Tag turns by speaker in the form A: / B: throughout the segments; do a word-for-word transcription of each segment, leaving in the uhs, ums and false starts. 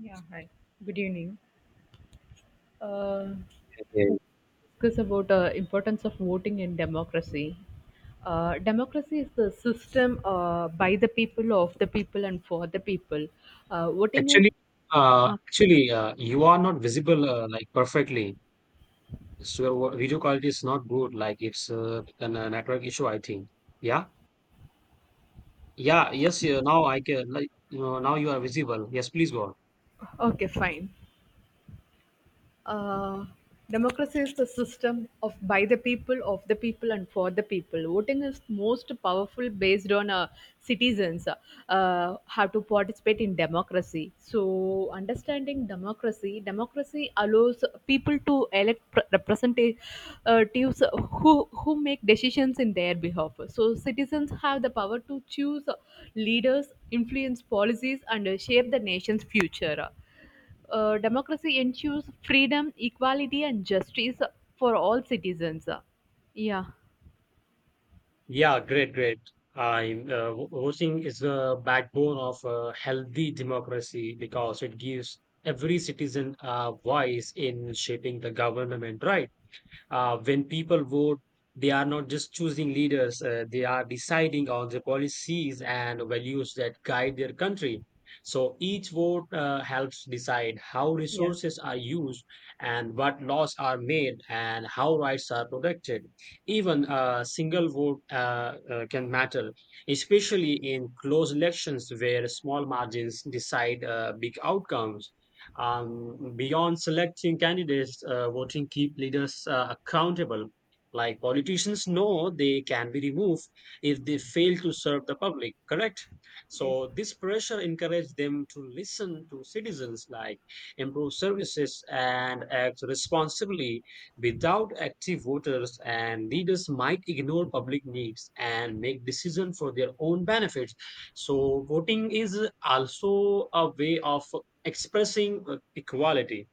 A: Yeah, hi. Good evening. uh,
B: Yeah.
A: Focus about uh, importance of voting in democracy. Uh, democracy is the system uh, by the people, of the people, and for the people. Uh, voting is
B: Actually, uh,
A: uh,
B: actually, uh, you are not visible uh, like perfectly. So what- video quality is not good. Like it's uh, a n- network issue, I think. Yeah, yeah, yes. Yeah, now I can like you know now you are visible. Yes, please go on.
A: okay, fine. uh, Democracy is the system of by the people, of the people, and for the people. Voting is most powerful based on uh, citizens uh, how to participate in democracy. So, understanding democracy, democracy allows people to elect pr- representatives who who make decisions in their behalf. So, citizens have the power to choose leaders, influence policies, and uh, shape the nation's future. Uh, democracy ensures freedom, equality, and justice for all citizens. Yeah.
B: Yeah, great, great. I'm uh, vo- voting is the backbone of a healthy democracy because it gives every citizen a voice in shaping the government, right? Uh, when people vote, they are not just choosing leaders, uh, they are deciding on the policies and values that guide their country. So each vote uh, helps decide how
A: Yeah.
B: resources are used and what laws are made and how rights are protected. Even a single vote uh, uh, can matter, especially in close elections where small margins decide uh, big outcomes. Um, beyond selecting candidates, uh, voting keep leaders uh, accountable. Like politicians know they can be removed if they fail to serve the public, correct?
A: Yes.
B: So this pressure encouraged them to listen to citizens, like improve services and act responsibly. Without active voters and leaders might ignore public needs and make decisions for their own benefits. So voting is also a way of expressing uh, equality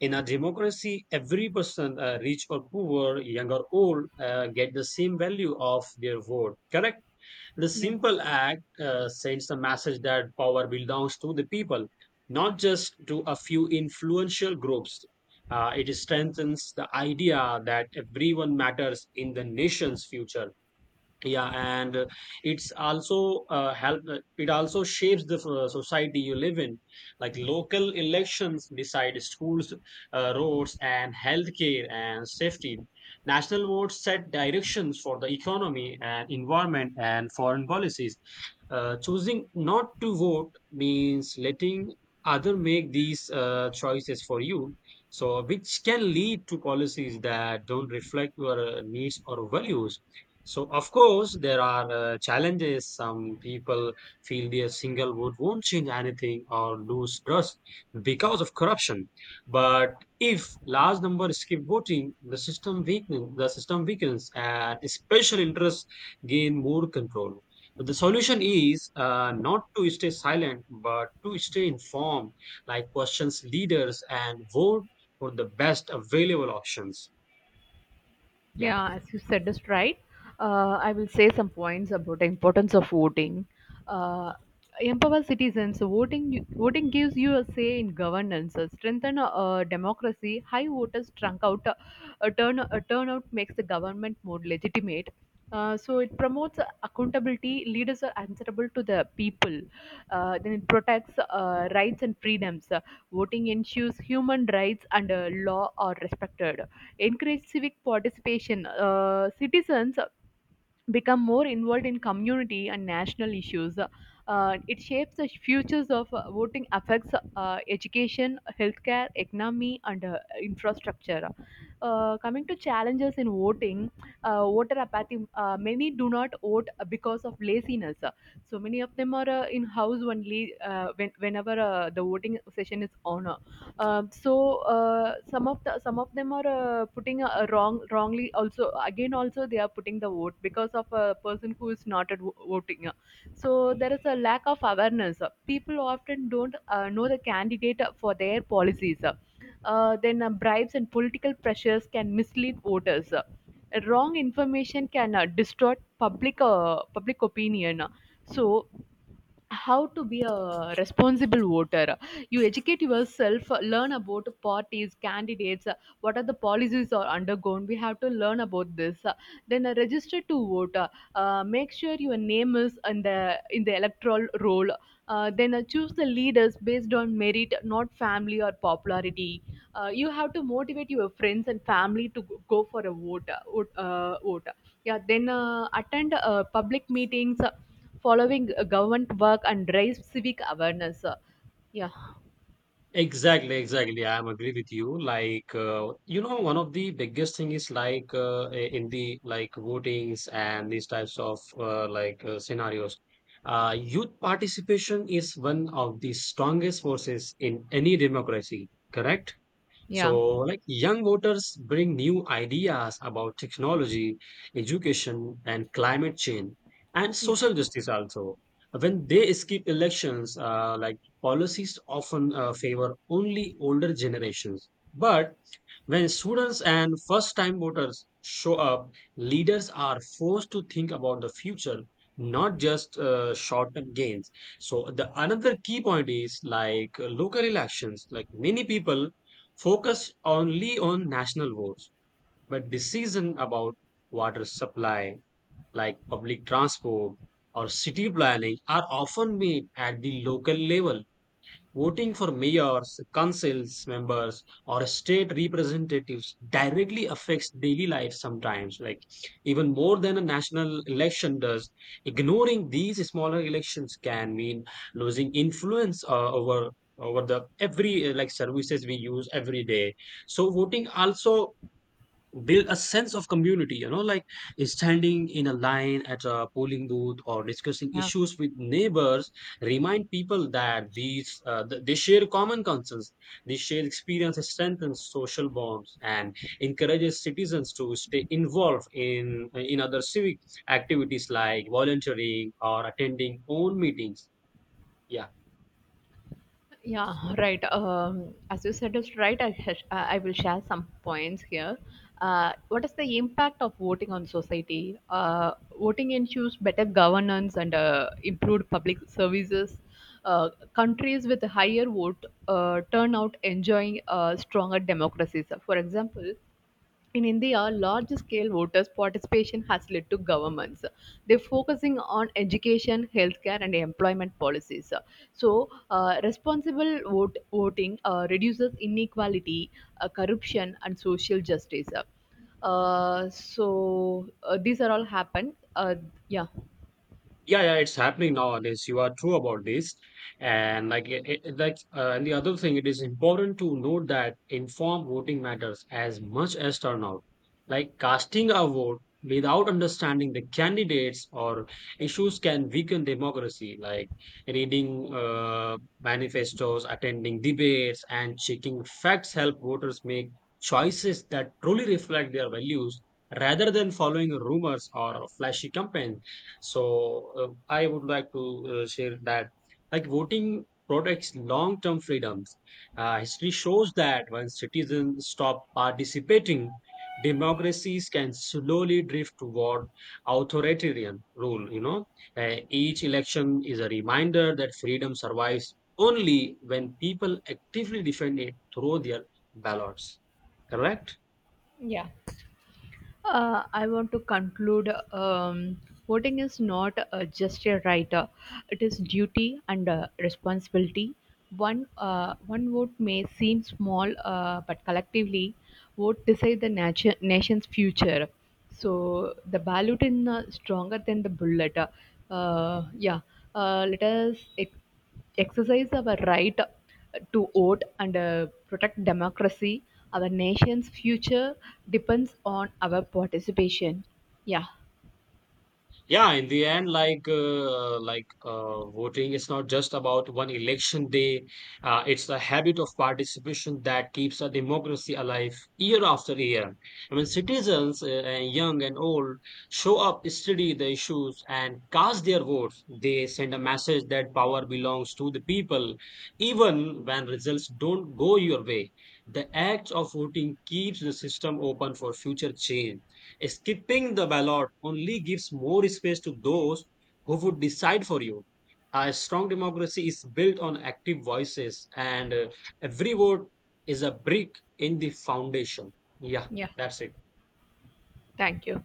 B: in a democracy, every person uh, rich or poor, young or old, uh, get the same value of their vote, correct? The
A: Yeah.
B: simple act uh, sends the message that power belongs to the people, not just to a few influential groups. Uh, it strengthens the idea that everyone matters in the nation's future. Yeah, and uh, it's also uh, help uh, it also shapes the uh, society you live in. Like local elections decide schools, uh, roads and healthcare and safety. National votes set directions for the economy and environment and foreign policies. Uh, choosing not to vote means letting other make these uh, choices for you, so which can lead to policies that don't reflect your uh, needs or values. So, of course, there are uh, challenges. Some people feel their single vote won't change anything or lose trust because of corruption. But if large number skip voting, the system weakens, the system weakens, and special interests gain more control. So the solution is uh, not to stay silent, but to stay informed, like questions leaders and vote for the best available options. Yeah.
A: Yeah, as you said is right. Uh, I will say some points about the importance of voting. Uh, Empower citizens. Voting voting gives you a say in governance, uh, strengthen uh, democracy. High voters trunk out uh, a turn a turnout makes the government more legitimate. Uh, so it promotes accountability. Leaders are answerable to the people. Uh, then it protects uh, rights and freedoms. Uh, voting ensures human rights and uh, law are respected encourage civic participation. Uh, citizens become more involved in community and national issues. Uh, it shapes the futures of uh, voting, affects uh, education, healthcare, economy, and uh, infrastructure. Uh, coming to challenges in voting, uh, voter apathy. Uh, many do not vote because of laziness. So many of them are uh, in house only uh, when, whenever uh, the voting session is on. Um, so uh, some of the some of them are uh, putting a, a wrong wrongly also again also they are putting the vote because of a person who is not at vo- voting. So there is a lack of awareness. People often don't uh, know the candidate for their policies. Uh, then uh, Bribes and political pressures can mislead voters. Wrong information can uh, distort public uh, public opinion. So how to be a responsible voter, you educate yourself, learn about parties, candidates, what are the policies are undergone. We have to learn about this, then uh, register to vote, uh, make sure your name is in the in the electoral roll. Uh, then uh, Choose the leaders based on merit, not family or popularity. Uh, you have to motivate your friends and family to go go for a vote uh, vote, uh, vote. Yeah, then uh, attend uh, public meetings, following uh, government work and raise civic awareness. Uh, yeah,
B: Exactly, exactly. I'm agree with you. Like, uh, you know, one of the biggest thing is like uh, i- in the like votings and these types of uh, like uh, scenarios. Uh, youth participation is one of the strongest forces in any democracy, correct?
A: yeah,
B: So, like young voters bring new ideas about technology, education, and climate change, and
A: yeah.
B: social justice also. When they skip elections, uh, like policies often uh, favor only older generations. But when students and first time voters show up, leaders are forced to think about the future, not just uh, short term gains. So, the another key point is like uh, local elections, like many people focused only on national votes, but decisions about water supply, like public transport or city planning, are often made at the local level. Voting for mayors, councils members, or state representatives directly affects daily life sometimes, like even more than a national election does. Ignoring these smaller elections can mean losing influence uh, over over the every uh, like services we use every day. So voting also build a sense of community, you know, like standing in a line at a polling booth or discussing
A: Yeah,
B: issues with neighbors, remind people that these uh, th- they share common concerns, they share experiences, strengthens social bonds and encourages citizens to stay involved in in other civic activities like volunteering or attending own meetings. Yeah,
A: yeah. Right. Um, as you said, is right. I, sh- I will share some points here. Uh, what is the impact of voting on society? Uh, voting ensures better governance and uh, improved public services. Uh, Countries with higher vote uh, turnout enjoying uh, stronger democracies. For example, in India, large scale voters' participation has led to governments. They're focusing on education, healthcare, and employment policies. So, uh, responsible vote, voting uh, reduces inequality, uh, corruption, and social justice. Uh, so, uh, these are all happened. Uh, yeah.
B: yeah, yeah, it's happening nowadays, you are true about this. And like it, it, like uh, and the other thing, it is important to note that informed voting matters as much as turnout. Like casting a vote without understanding the candidates or issues can weaken democracy. Like reading uh, manifestos, attending debates and checking facts help voters make choices that truly reflect their values rather than following rumors or flashy campaigns. So uh, I would like to uh, share that like voting protects long-term freedoms. Uh, history shows that when citizens stop participating, democracies can slowly drift toward authoritarian rule. You know, Uh, each election is a reminder that freedom survives only when people actively defend it through their ballots. Correct?
A: Uh, I want to conclude. Um, voting is not uh, just a right, uh, it is duty and uh, responsibility. One, uh, one vote may seem small, uh, but collectively, vote decide the nation nation's future. So the ballot is uh, stronger than the bullet. Uh, yeah, uh, Let us exercise our right to vote and uh, protect democracy. Our nation's future depends on our participation. Yeah,
B: Yeah, in the end, like uh, like uh, voting is not just about one election day. Uh, it's a habit of participation that keeps a democracy alive year after year. I mean, citizens, uh, uh, young and old, show up, study the issues, and cast their votes. They send a message that power belongs to the people, even when results don't go your way. The act of voting keeps the system open for future change. Skipping the ballot only gives more space to those who would decide for you. A strong democracy is built on active voices, and uh, every vote is a brick in the foundation. Yeah,
A: yeah,
B: that's it.
A: thank you.